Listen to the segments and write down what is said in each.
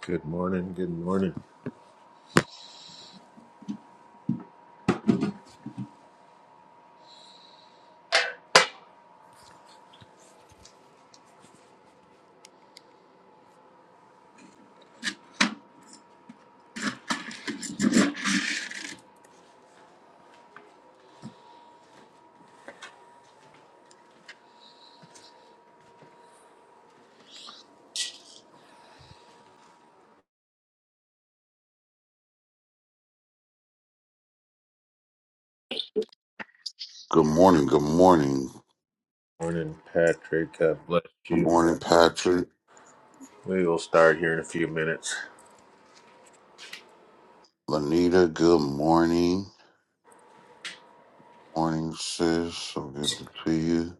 Good morning. Good morning. Good morning. Good morning. Morning, Patrick. God bless Good you. morning, Patrick. We will start here in a few minutes. Lanita, good morning. Morning, sis. So good to see you.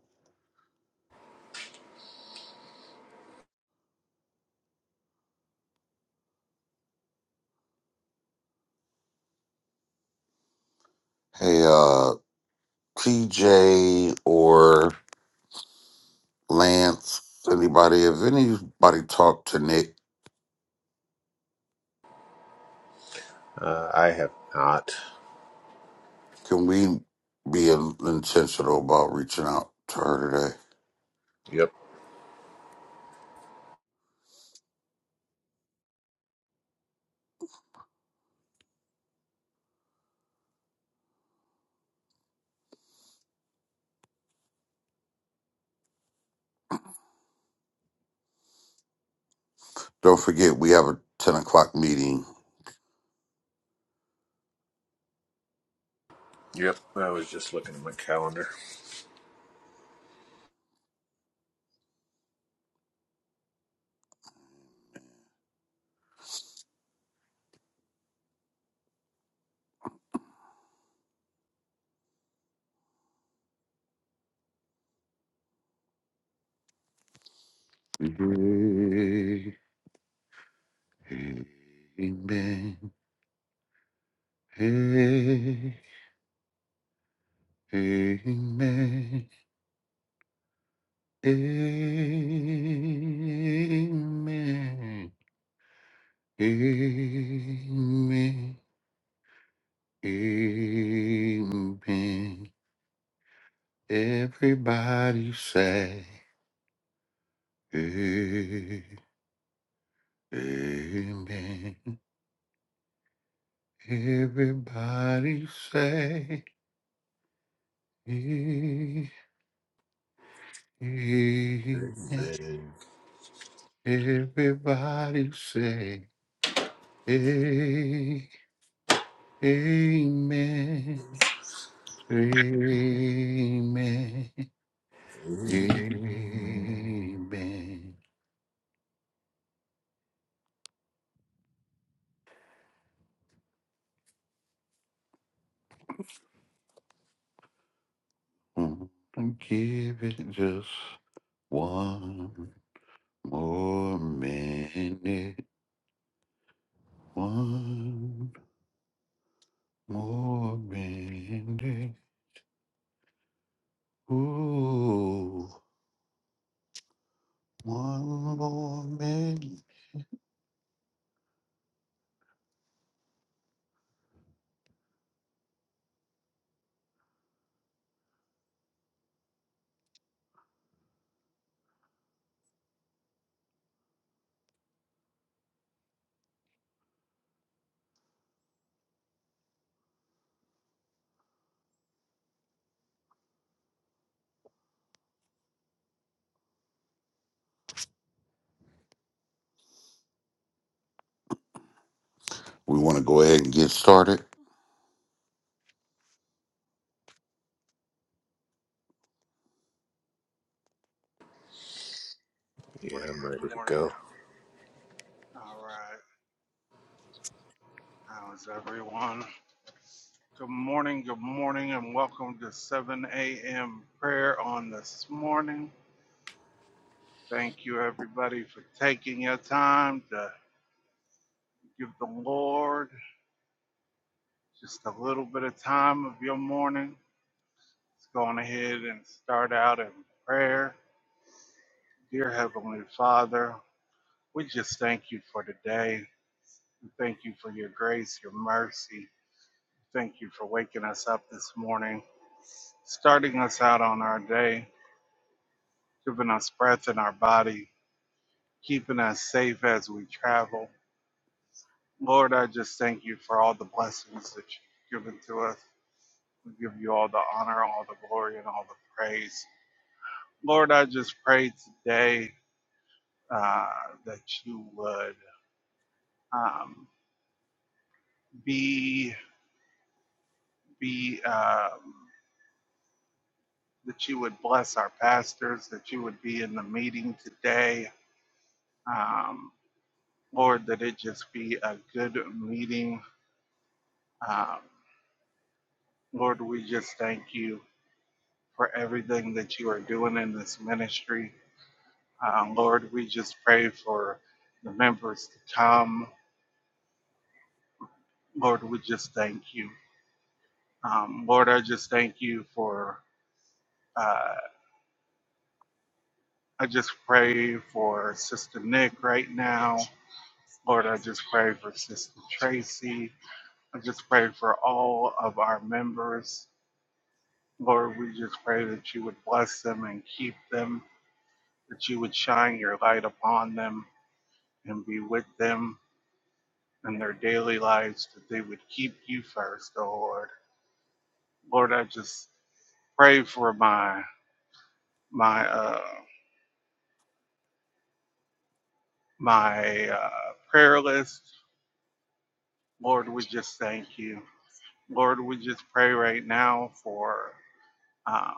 Hey, uh, PJ or Lance, anybody, if anybody talked to Nick, Uh, I have not. can we be intentional about reaching out to her today? Yep. Don't forget, we have a 10 o'clock meeting. Yep. I was just looking at my calendar. Hey, Amen. Hey, Amen. Amen. Amen. Amen. Everybody say "A- Amen. Everybody say "A- Amen. Amen. Everybody say "A- Amen. Amen. Amen. Amen. Mm. Give it just one more minute. One more minute. Ooh, one more minute. We want to go ahead and get started. Yeah, Morning, I'm good ready to morning. go. All right. How is everyone? Good morning, good morning, and welcome to 7 a.m. prayer on this morning. Thank you, everybody, for taking your time to give the Lord just a little bit of time of your morning. Let's go on ahead and start out in prayer. Dear Heavenly Father, we just thank you for today. We thank you for your grace, your mercy. Thank you for waking us up this morning. starting us out on our day, giving us breath in our body, keeping us safe as we travel. Lord, I just thank you for all the blessings that you've given to us. We give you all the honor, all the glory, and all the praise. Lord, I just pray today uh, that you would um, be be um, that you would bless our pastors, that you would be in the meeting today. Um, Lord, that it just be a good meeting Um, Lord, we just thank you for everything that you are doing in this ministry. Um, Lord, we just pray for the members to come. Lord, we just thank you. Um, Lord, I just thank you for, uh, I just pray for Sister Nick right now. Lord, I just pray for Sister Tracy. I just pray for all of our members. Lord, we just pray that you would bless them and keep them. that you would shine your light upon them and be with them in their daily lives, that they would keep you first, oh Lord. Lord, I just pray for my my uh my uh prayer list. Lord, we just thank you. Lord, we just pray right now for um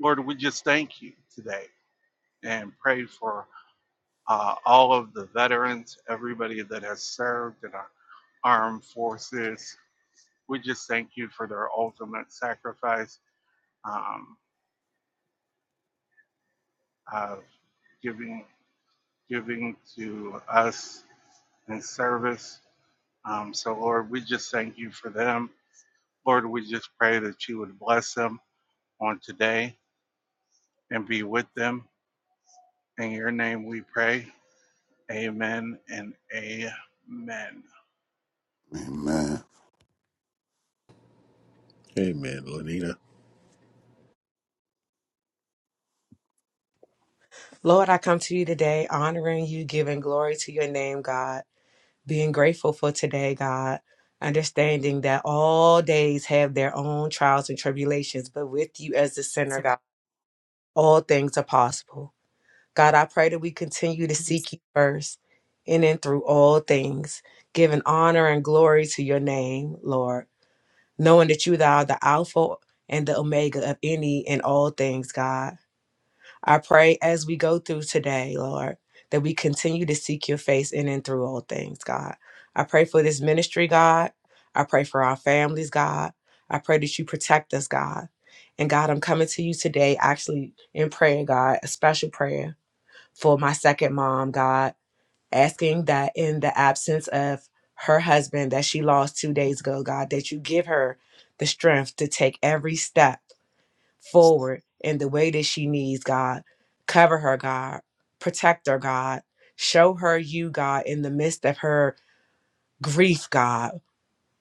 Lord, we just thank you today and pray for uh, all of the veterans, everybody that has served in our armed forces, we just thank you for their ultimate sacrifice um, of giving giving to us in service. Um, so Lord, we just thank you for them. Lord, we just pray that you would bless them on today and be with them. In your name we pray. Amen and amen. Amen. Amen, Lenina. Lord, I come to you today honoring you, giving glory to your name, God, being grateful for today, God, understanding that all days have their own trials and tribulations, but with you as the center, God, all things are possible. God, I pray that we continue to seek you first in and through all things, giving honor and glory to your name, Lord, knowing that you are the Alpha and the Omega of any and all things, God. I pray as we go through today, Lord, that we continue to seek your face in and through all things, God. I pray for this ministry, God. I pray for our families, God. I pray that you protect us, God. And God, I'm coming to you today actually in prayer, God, a special prayer for my second mom, God, asking that in the absence of her husband that she lost two days ago, God, that you give her the strength to take every step forward in the way that she needs, God. Cover her, God. Protect her, God. Show her you, God, in the midst of her grief, God,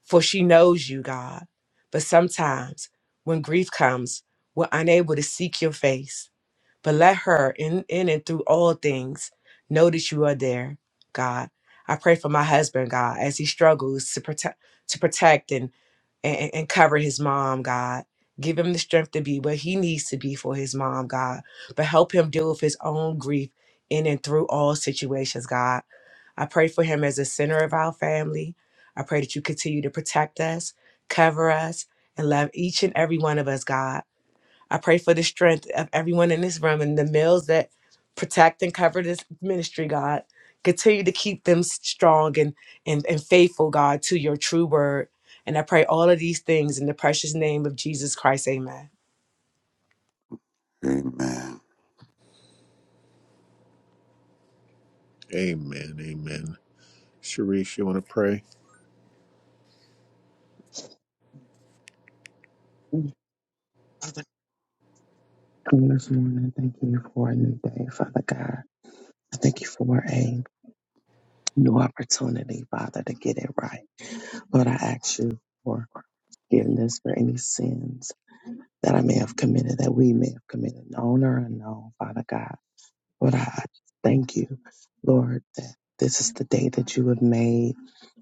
for she knows you, God. But sometimes when grief comes, we're unable to seek your face. But let her, in, in and through all things, know that you are there, God. I pray for my husband, God, as he struggles to protect to protect and and, and cover his mom, God. Give him the strength to be where he needs to be for his mom, God. But help him deal with his own grief in and through all situations, God. I pray for him as a center of our family. I pray that you continue to protect us, cover us, and love each and every one of us, God. I pray for the strength of everyone in this room and the males that protect and cover this ministry, God. Continue to keep them strong and, and, and faithful, God, to your true word. And I pray all of these things in the precious name of Jesus Christ. Amen. Amen. Amen. Amen. Sharice, you want to pray? Father, come this morning. Thank you for a new day, Father God. I thank you for a new opportunity, Father, to get it right. Lord, I ask you for forgiveness for any sins that I may have committed, that we may have committed, known or unknown, Father God. Lord, I I just thank you, Lord, that this is the day that you have made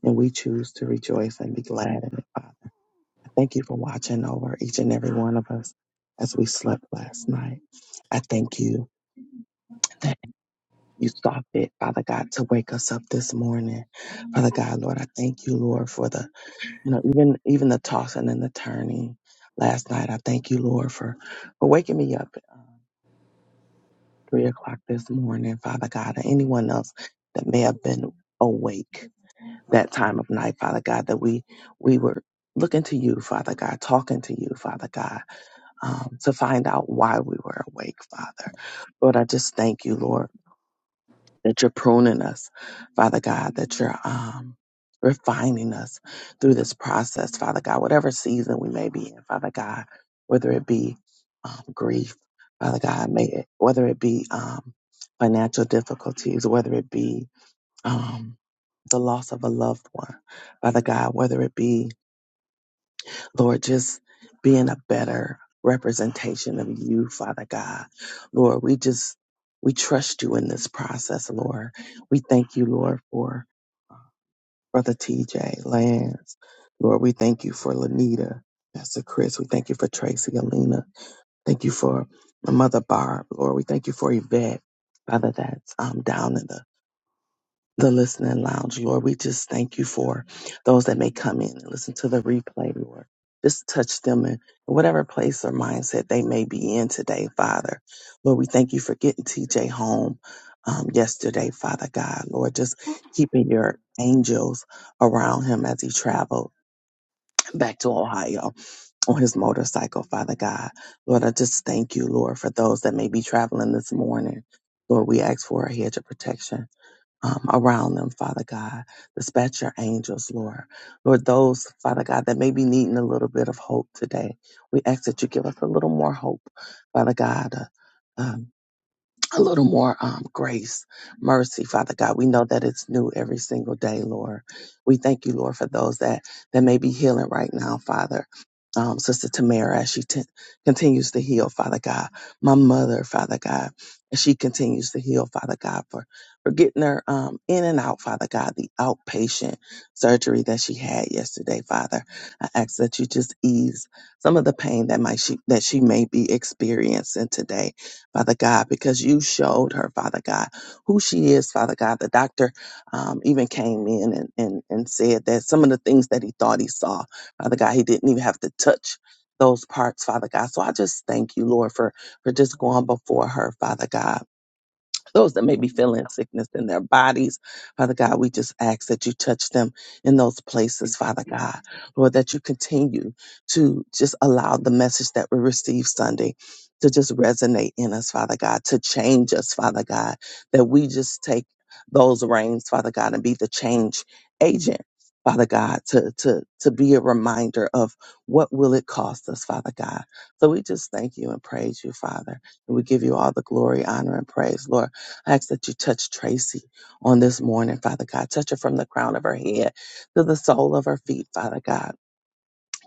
and we choose to rejoice and be glad in it, Father. I Thank you for watching over each and every one of us as we slept last night. I thank you you saw fit, Father God, to wake us up this morning. Father God, Lord, I thank you, Lord, for the, you know, even even the tossing and the turning last night. I thank you, Lord, for for waking me up uh, three o'clock this morning, Father God, and anyone else that may have been awake that time of night, Father God, that we we were looking to you, Father God, talking to you, Father God, um, to find out why we were awake, Father. Lord, I just thank you, Lord that you're pruning us, Father God, that you're um, refining us through this process, Father God, whatever season we may be in, Father God, whether it be um, grief, Father God, may it, whether it be um, financial difficulties, whether it be um, the loss of a loved one, Father God, whether it be Lord, just being a better representation of you, Father God. Lord, we just, we trust you in this process, Lord. We thank you, Lord, for Brother TJ, Lance. Lord, we thank you for Lanita, Pastor Chris. We thank you for Tracy, Alina. Thank you for my mother, Barb. Lord, we thank you for Yvette, Father, that's um, down in the the listening lounge, Lord. We just thank you for those that may come in and listen to the replay, Lord. Just touch them in whatever place or mindset they may be in today, Father. Lord, we thank you for getting TJ home um, yesterday, Father God. Lord, just keeping your angels around him as he traveled back to Ohio on his motorcycle, Father God. Lord, I just thank you, Lord, for those that may be traveling this morning. Lord, we ask for a hedge of protection um, around them, Father God. Dispatch your angels, Lord. Lord, those, Father God, that may be needing a little bit of hope today, we ask that you give us a little more hope, Father God. Uh, um, a little more um, grace, mercy, Father God. We know that it's new every single day, Lord. We thank you, Lord, for those that that may be healing right now, Father. Um, Sister Tamara, as she t- continues to heal, Father God. My mother, Father God, as she continues to heal, Father God, for for getting her um, in and out, Father God, the outpatient surgery that she had yesterday, Father. I ask that you just ease some of the pain that might she that she may be experiencing today. Father God, because you showed her, Father God, who she is, Father God. The doctor um, even came in and, and, and said that some of the things that he thought he saw, Father God, he didn't even have to touch those parts, Father God. So I just thank you, Lord, for, for just going before her, Father God those that may be feeling sickness in their bodies. Father God, we just ask that you touch them in those places, Father God. Lord, that you continue to just allow the message that we received Sunday to just resonate in us, Father God, to change us, Father God, that we just take those reins, Father God, and be the change agent. Father God, to, to, to be a reminder of what will it cost us, Father God. So we just thank you and praise you, Father. And we give you all the glory, honor, and praise, Lord. I ask that you touch Tracy on this morning, Father God. Touch her from the crown of her head to the sole of her feet, Father God.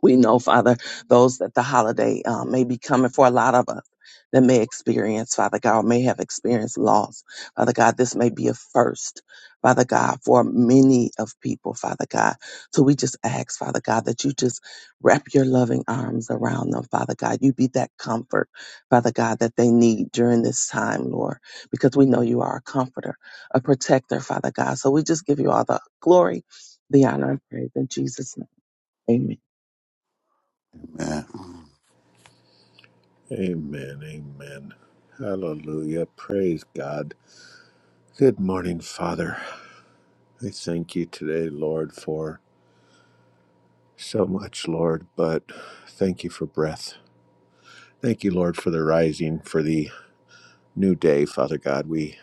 We know, Father, those that the holiday uh, may be coming for a lot of us that may experience, Father God, or may have experienced loss. Father God, this may be a first, Father God, for many of people, Father God. So we just ask, Father God, that you just wrap your loving arms around them, Father God. You be that comfort, Father God, that they need during this time, Lord, because we know you are a comforter, a protector, Father God. So we just give you all the glory, the honor, and praise in Jesus' name. Amen. Amen. Amen. Amen. Hallelujah. Praise God. Good morning, Father. I thank you today, Lord, for so much, Lord, but thank you for breath. Thank you, Lord, for the rising, for the new day, Father God. We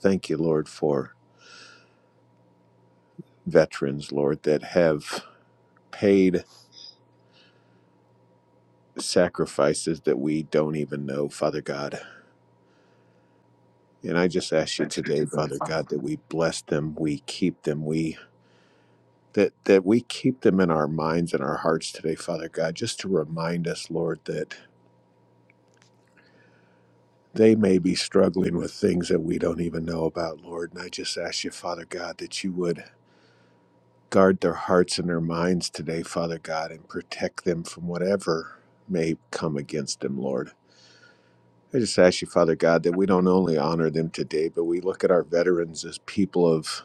thank you, Lord, for veterans, Lord, that have paid sacrifices that we don't even know, Father God. And I just ask you Thank you today, today, Father Father God, that God. we bless them, we keep them, we that that we keep them in our minds and our hearts today, Father God, just to remind us, Lord, that they may be struggling with things that we don't even know about, Lord. And I just ask you, Father God, that you would Guard their hearts and their minds today, Father God, and protect them from whatever may come against them, Lord. I just ask you, Father God, that we don't only honor them today, but we look at our veterans as people of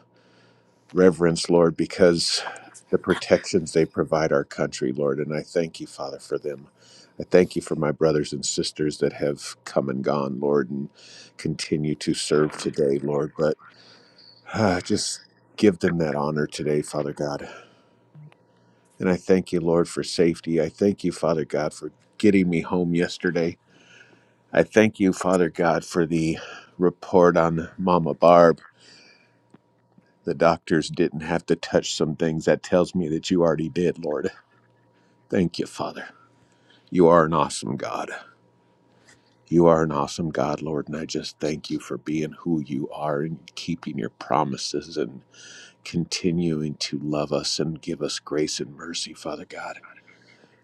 reverence, Lord, because the protections they provide our country, Lord. And I thank you, Father, for them. I thank you for my brothers and sisters that have come and gone, Lord, and continue to serve today, Lord. But ah, just give them that honor today, Father God. And I thank you, Lord, for safety. I thank you, Father God, for getting me home yesterday. I thank you, Father God, for the report on Mama Barb. The doctors didn't have to touch some things. That tells me that you already did, Lord. Thank you, Father. You are an awesome God. You are an awesome God, Lord, and I just thank you for being who you are and keeping your promises and continuing to love us and give us grace and mercy, Father God.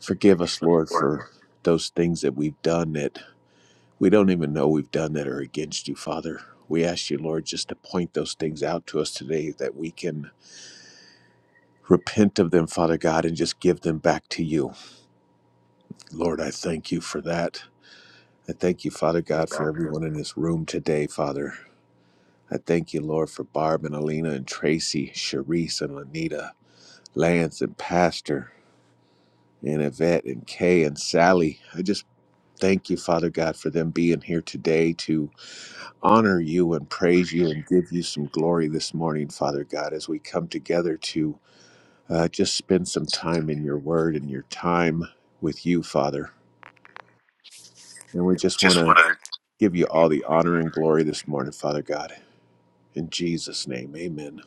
Forgive us, Give us Lord, work, for those things that we've done that We don't even know we've done that are against you, Father. We ask you, Lord, just to point those things out to us today that we can repent of them, Father God, and just give them back to you. Lord, I thank you for that. I thank you, Father Father God, for God. We everyone in this room today, Father. I thank you, Lord, for Barb and Alina and Tracy, Sharice and Lanita, Lance and Pastor and Yvette and Kay and Sally. I just thank you, Father God, for them being here today to honor you and praise you and give you some glory this morning, Father God, as we come together to uh, just spend some time in your word and your time with you, Father. And we just want Just to want to give give you you. all all. the honor and glory this morning, Father God. In Jesus' name, amen.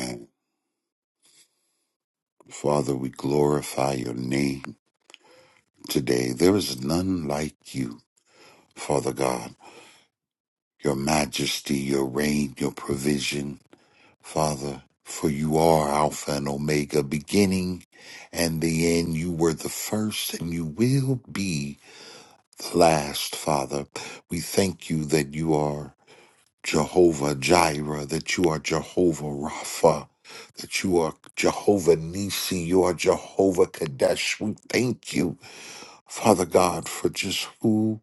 Amen. Father, we glorify your name today. There is none like you, Father God. Your majesty, your reign, your provision, Father, for you are Alpha and Omega, beginning and the end. You were the first and you will be the last, Father. We thank you that you are Jehovah Jireh, that you are Jehovah Rapha, that you are Jehovah Nisi, you are Jehovah Kadesh. We thank you Father God, for just who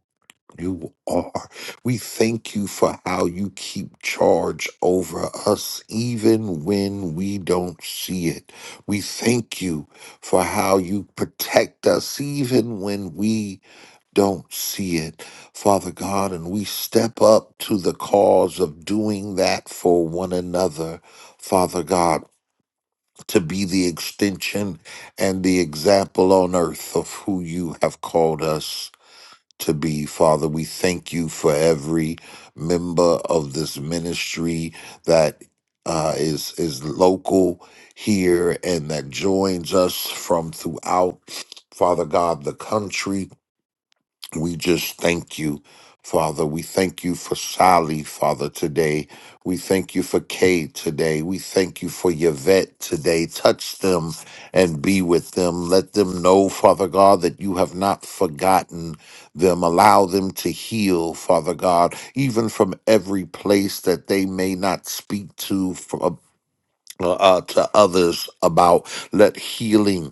you are. We thank you for how you keep charge over us even when we don't see it. We thank you for how you protect us even when we don't see it, Father God, and we step up to the cause of doing that for one another, Father God. To be the extension and the example on earth of who you have called us to be. Father, we thank you for every member of this ministry that uh, is is local here and that joins us from throughout. Father God, the country. We just thank you, Father. We thank you for Sally, Father, today. We thank you for Kay today. We thank you for Yvette today. Touch them and be with them. Let them know, Father God, that you have not forgotten them. Allow them to heal, Father God, even from every place that they may not speak to from, uh, uh, to others about. Let healing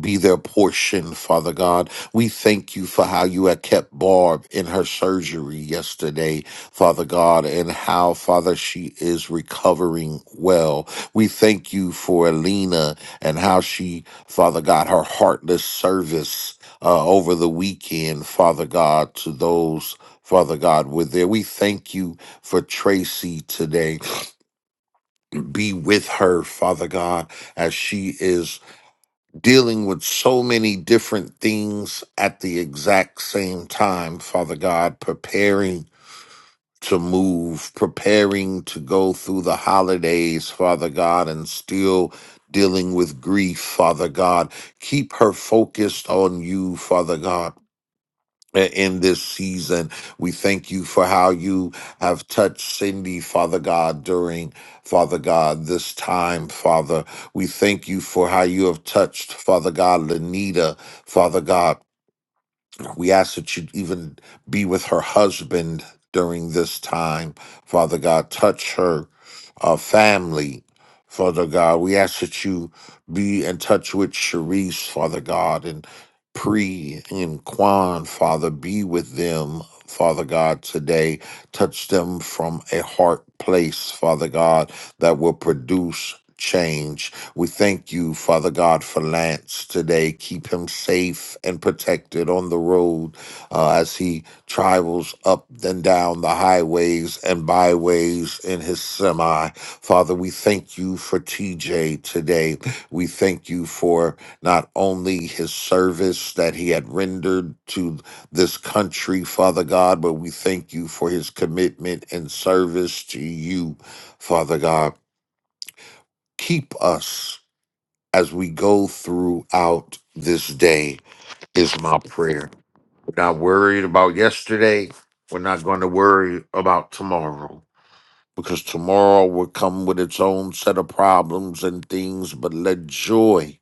be their portion, Father God. We thank you for how you have kept Barb in her surgery yesterday, Father God, and how, Father, she is recovering well. We thank you for Alina and how she, Father God, her heartless service uh, over the weekend, Father God, to those. Father God, were there. We thank you for Tracy today. Be with her, Father God, as she is dealing with so many different things at the exact same time, Father God, preparing to move, preparing to go through the holidays, Father God, and still dealing with grief, Father God. Keep her focused on you, Father God uh, in this season. We thank you for how you have touched Cindy, Father God, during, Father God, this time, Father. We thank you for how you have touched, Father God, Lenita, Father God. We ask that you even be with her husband during this time. Father God, touch her uh, family. Father God, we ask that you be in touch with Sharice, Father God, and Pre and Quan, Father, be with them, Father God, today. Touch them from a heart place, Father God, that will produce change. We thank you, Father God, for Lance today. Keep him safe and protected on the road uh, as he travels up and down the highways and byways in his semi. Father, we thank you for TJ today. We thank you for not only his service that he had rendered to this country, Father God, but we thank you for his commitment and service to you, Father God. Keep us as we go throughout this day is my prayer. We're not worried about yesterday. We're not going to worry about tomorrow because tomorrow will come with its own set of problems and things, but let joy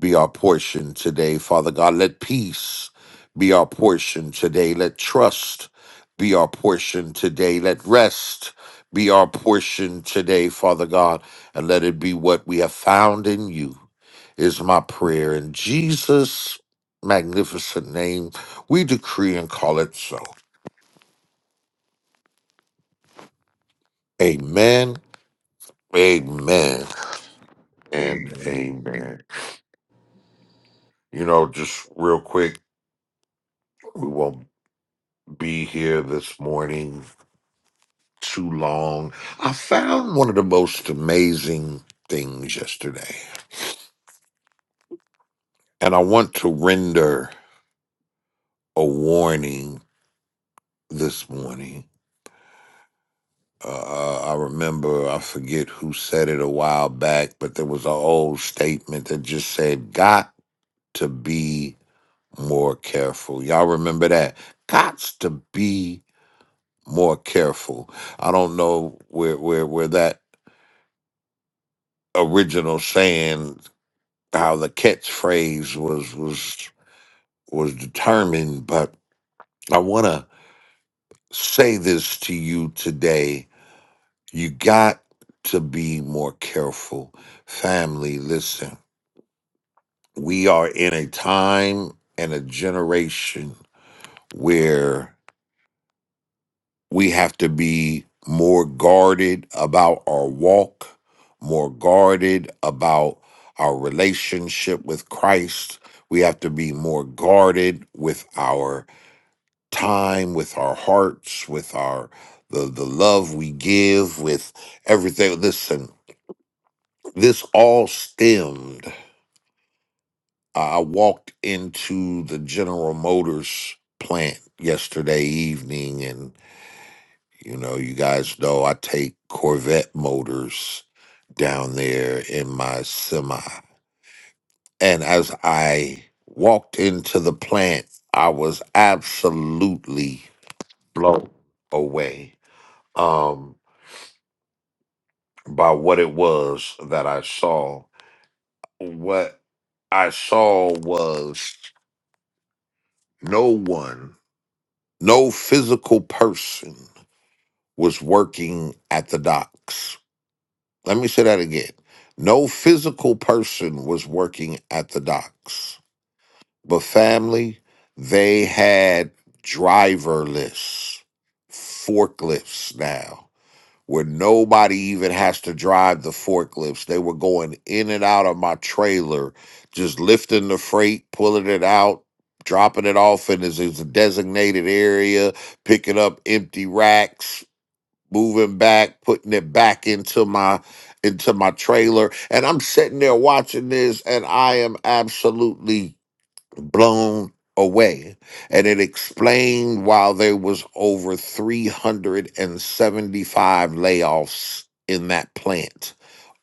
be our portion today, Father God. Let peace be our portion today. Let trust be our portion today. Let rest be our portion today, Father God. And let it be what we have found in you, is my prayer. In Jesus' magnificent name, we decree and call it so. Amen, amen, and Amen. amen. You know, just real quick, we won't be here this morning too long. I found one of the most amazing things yesterday, and I want to render a warning this morning. Uh, I remember, I forget who said it a while back, but there was an old statement that just said, Got to be more careful. Y'all remember that? Got to be more careful. I don't know where, where, where that original saying how the catchphrase was was was determined, but I want to say this to you today. You got to be more careful. Family, listen, we are in a time and a generation where we have to be more guarded about our walk, more guarded about our relationship with Christ. We have to be more guarded with our. time, with our hearts, with our the the love we give, with everything. Listen, this all stemmed. I walked into the General Motors plant yesterday evening, and you know, you guys know I take Corvette motors down there in my semi. And as I walked into the plant, I was absolutely blown away. Um, by what it was that I saw. What I saw was no one, no physical person was working at the docks. Let me say that again. No physical person was working at the docks, but family, they had driverless forklifts now where nobody even has to drive the forklifts. They were going in and out of my trailer, just lifting the freight, pulling it out, dropping it off in this this designated area, picking up empty racks, moving back, putting it back into my into my trailer. And I'm sitting there watching this and I am absolutely blown away and it explained why there was over 375 layoffs in that plant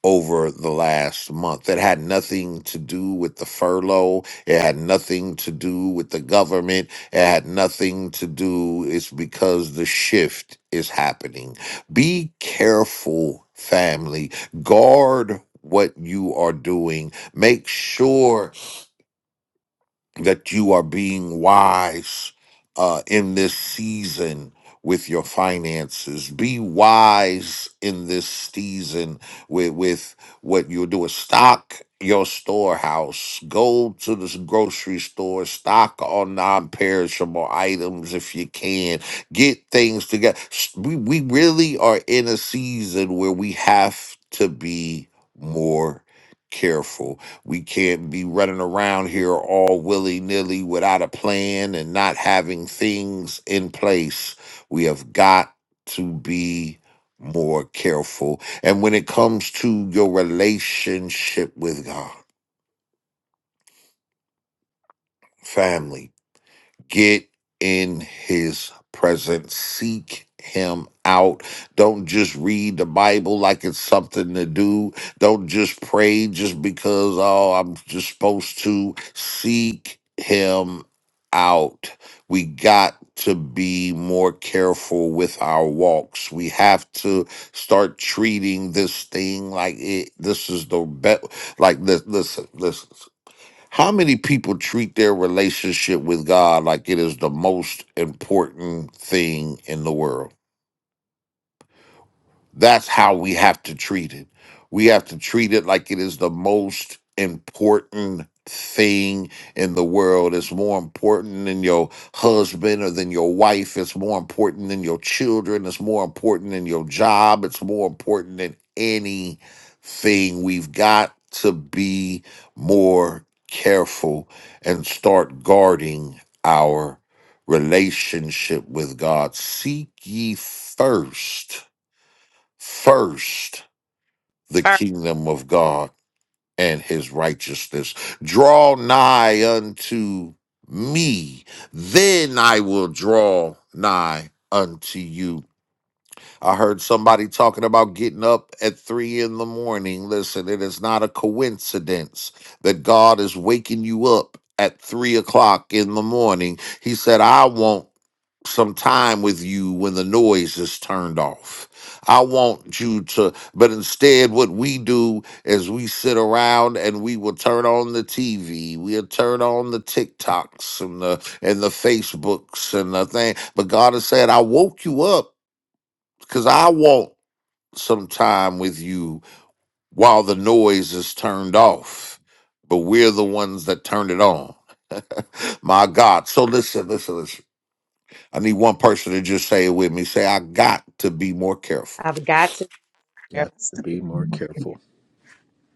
over the last month it had nothing to do with the furlough it had nothing to do with the government it had nothing to do it's because the shift is happening be careful family guard what you are doing make sure that you are being wise uh, in this season with your finances. Be wise in this season with, with what you're doing. Stock your storehouse. Go to the s- grocery store. Stock on non-perishable items if you can. Get things together. S- We, we really are in a season where we have to be more careful we can't be running around here all willy nilly without a plan and not having things in place. We have got to be more careful. And when it comes to your relationship with God, family, get in his presence seek him out don't just read the bible like it's something to do don't just pray just because oh i'm just supposed to seek him out we got to be more careful with our walks we have to start treating this thing like it this is the best like this listen listen how many people treat their relationship with God like it is the most important thing in the world? That's how we have to treat it. We have to treat it like it is the most important thing in the world. It's more important than your husband or than your wife. It's more important than your children. It's more important than your job. It's more important than anything. We've got to be more careful and start guarding our relationship with God. Seek ye first first the First. kingdom of God and his righteousness. Draw nigh unto me, then I will draw nigh unto you. I heard somebody talking about getting up at three in the morning. Listen, it is not a coincidence that God is waking you up at three o'clock in the morning. He said, I won't." some time with you when the noise is turned off. I want you to, but instead, what we do is we sit around and we will turn on the TV, we'll turn on the TikToks and the and the Facebooks and the thing. But God has said, I woke you up because I want some time with you while the noise is turned off. But we're the ones that turned it on. My God. So listen, listen, listen. I need one person to just say it with me. Say, I got to be more careful. I've got to. Got to Stop be more working. careful.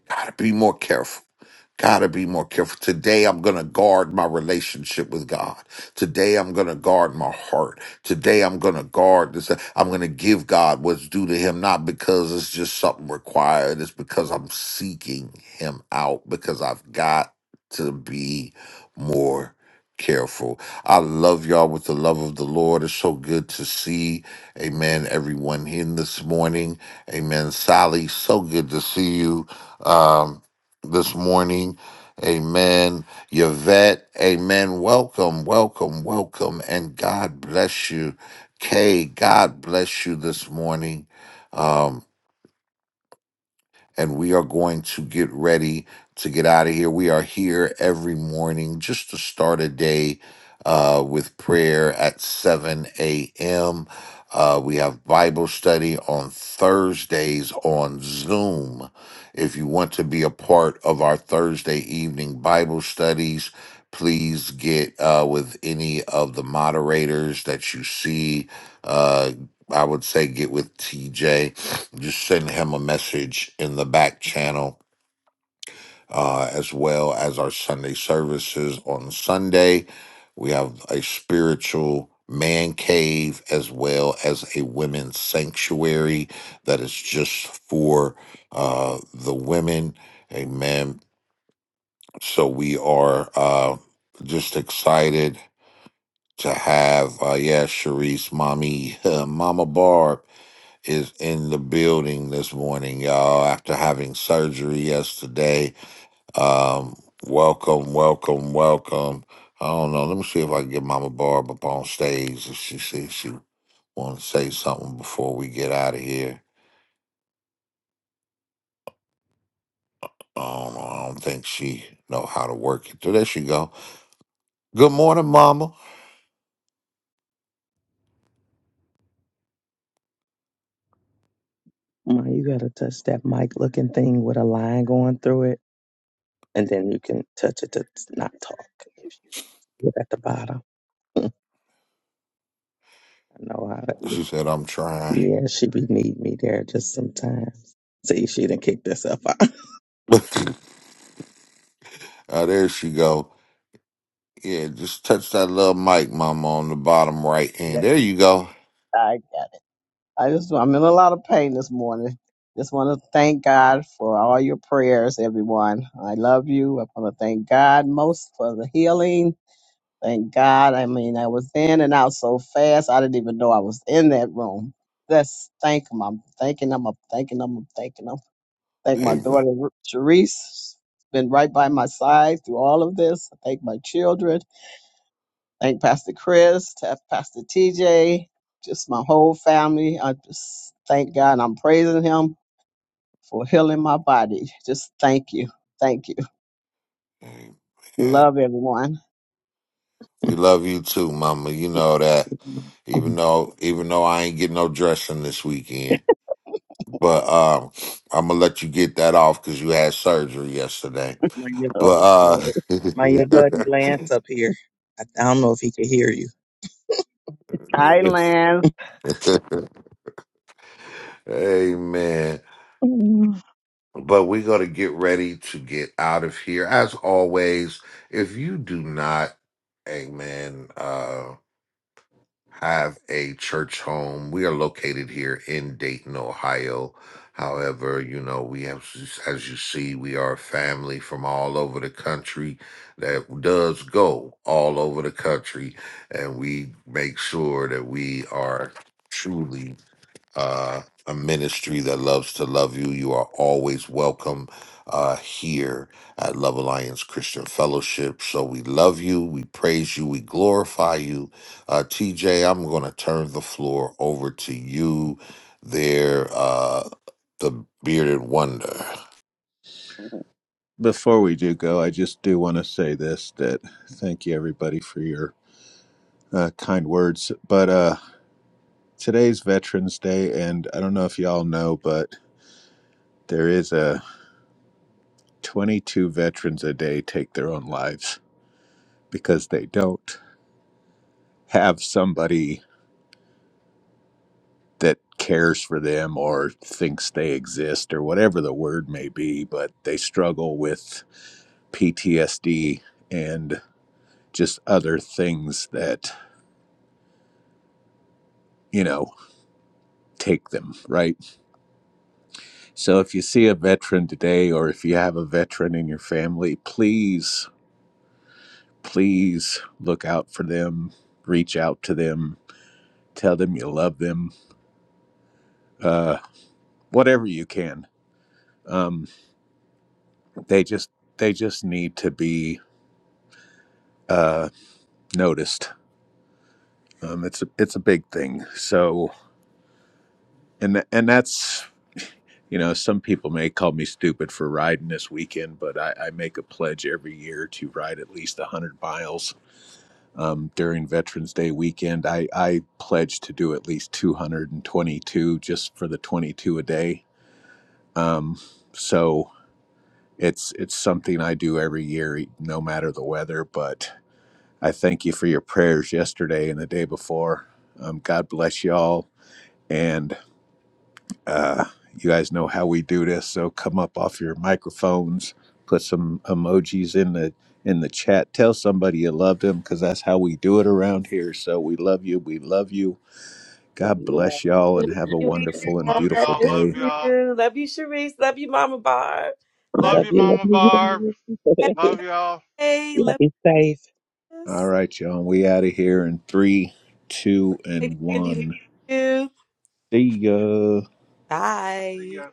Gotta be more careful. Gotta be more careful. Today, I'm gonna guard my relationship with God. Today, I'm gonna guard my heart. Today, I'm gonna guard this. I'm gonna give God what's due to Him, not because it's just something required. It's because I'm seeking Him out because I've got to be more careful. I love y'all with the love of the Lord. It's so good to see, amen, everyone in this morning. Amen. Sally, so good to see you. Um, this morning. Amen. Yvette, amen. Welcome, welcome, welcome. And God bless you. Kay, God bless you this morning. Um, and we are going to get ready to get out of here. We are here every morning just to start a day uh, with prayer at 7 a.m. Uh, we have Bible study on Thursdays on Zoom. If you want to be a part of our Thursday evening Bible studies, please get uh, with any of the moderators that you see. Uh, I would say get with TJ just send him a message in the back channel, uh, as well as our Sunday services on Sunday. We have a spiritual man cave as well as a women's sanctuary that is just for uh, the women. Amen. So we are uh, just excited to have, uh, yeah, Sharice, mommy, Mama Barb is in the building this morning, y'all, after having surgery yesterday. Um, welcome, welcome, welcome. I don't know. Let me see if I can get Mama Barb up on stage if she see she want to say something before we get out of here. I don't know. I don't think she know how to work it. So there she go. Good morning, Mama. Ma, you gotta touch that mic looking thing with a line going through it, and then you can touch it to not talk if you look at the bottom. I know how that. is. She said, I'm trying. Yeah, she be need me there just sometimes. See, she done kicked herself out. Uh, there she go. Yeah, just touch that little mic, Mama, on the bottom right hand. That- There you go. I got it. I just I'm in a lot of pain this morning. Just want to thank God for all your prayers, everyone. I love you. I want to thank God most for the healing. Thank God. I mean, I was in and out so fast. I didn't even know I was in that room. Just thank him. I'm thanking him. I'm thanking him. I'm thanking him. Thank my Amen. daughter Ru- She's been right by my side through all of this. I thank my children. Thank Pastor Chris, to Pastor TJ, just my whole family. I just thank God. and I'm praising Him for healing my body. Just thank you. Thank you. Amen. Love everyone. We love you too, Mama. You know that. Even though, even though I ain't getting no dressing this weekend, but um, I'm gonna let you get that off because you had surgery yesterday. my, But Okay. my, my uh, buddy Lance up here. I, I don't know if he could hear you. Hi, Lance. It- amen. But we're gonna get ready to get out of here. As always, if you do not, amen. Uh, have a church home. We are located here in Dayton, Ohio. However, you know, we have, as you see, we are a family from all over the country that does go all over the country. And we make sure that we are truly uh, a ministry that loves to love you. You are always welcome uh, here at Love Alliance Christian Fellowship. So we love you, we praise you, we glorify you. Uh, TJ, I'm going to turn the floor over to you there, uh, the bearded wonder. Before we do go, I just do want to say this that thank you, everybody, for your uh, kind words. But uh, today's Veterans Day, and I don't know if y'all know, but there is a 22 veterans a day take their own lives because they don't have somebody that cares for them or thinks they exist or whatever the word may be, but they struggle with PTSD and just other things that, you know, take them, right? So if you see a veteran today or if you have a veteran in your family, please, please look out for them, reach out to them, tell them you love them. Uh, whatever you can. Um, they just they just need to be uh, noticed. Um, it's a, it's a big thing. So and tha- and that's you know some people may call me stupid for riding this weekend, but I, I make a pledge every year to ride at least one hundred miles. Um, during Veterans Day weekend, I, I pledge to do at least 222 just for the 22 a day. Um, so it's it's something I do every year, no matter the weather. But I thank you for your prayers yesterday and the day before. Um, God bless you all. And uh, you guys know how we do this, so come up off your microphones, put some emojis in the in the chat. Tell somebody you love them because that's how we do it around here. So we love you. We love you. Love God you all. bless y'all Love and have a you, wonderful and Love Yvette. beautiful y'all. Miss Love day. y'all. you. Love you, Sharice. Love you, Mama Barb. Love Love Love you, you, love Mama you, Barb. you, love you. Love y'all. Hey. Y'all Love be safe. you, All Miss right, y'all. We out of here in three, two, Lady and Cindy. Love one. you. See ya. Bye. See ya.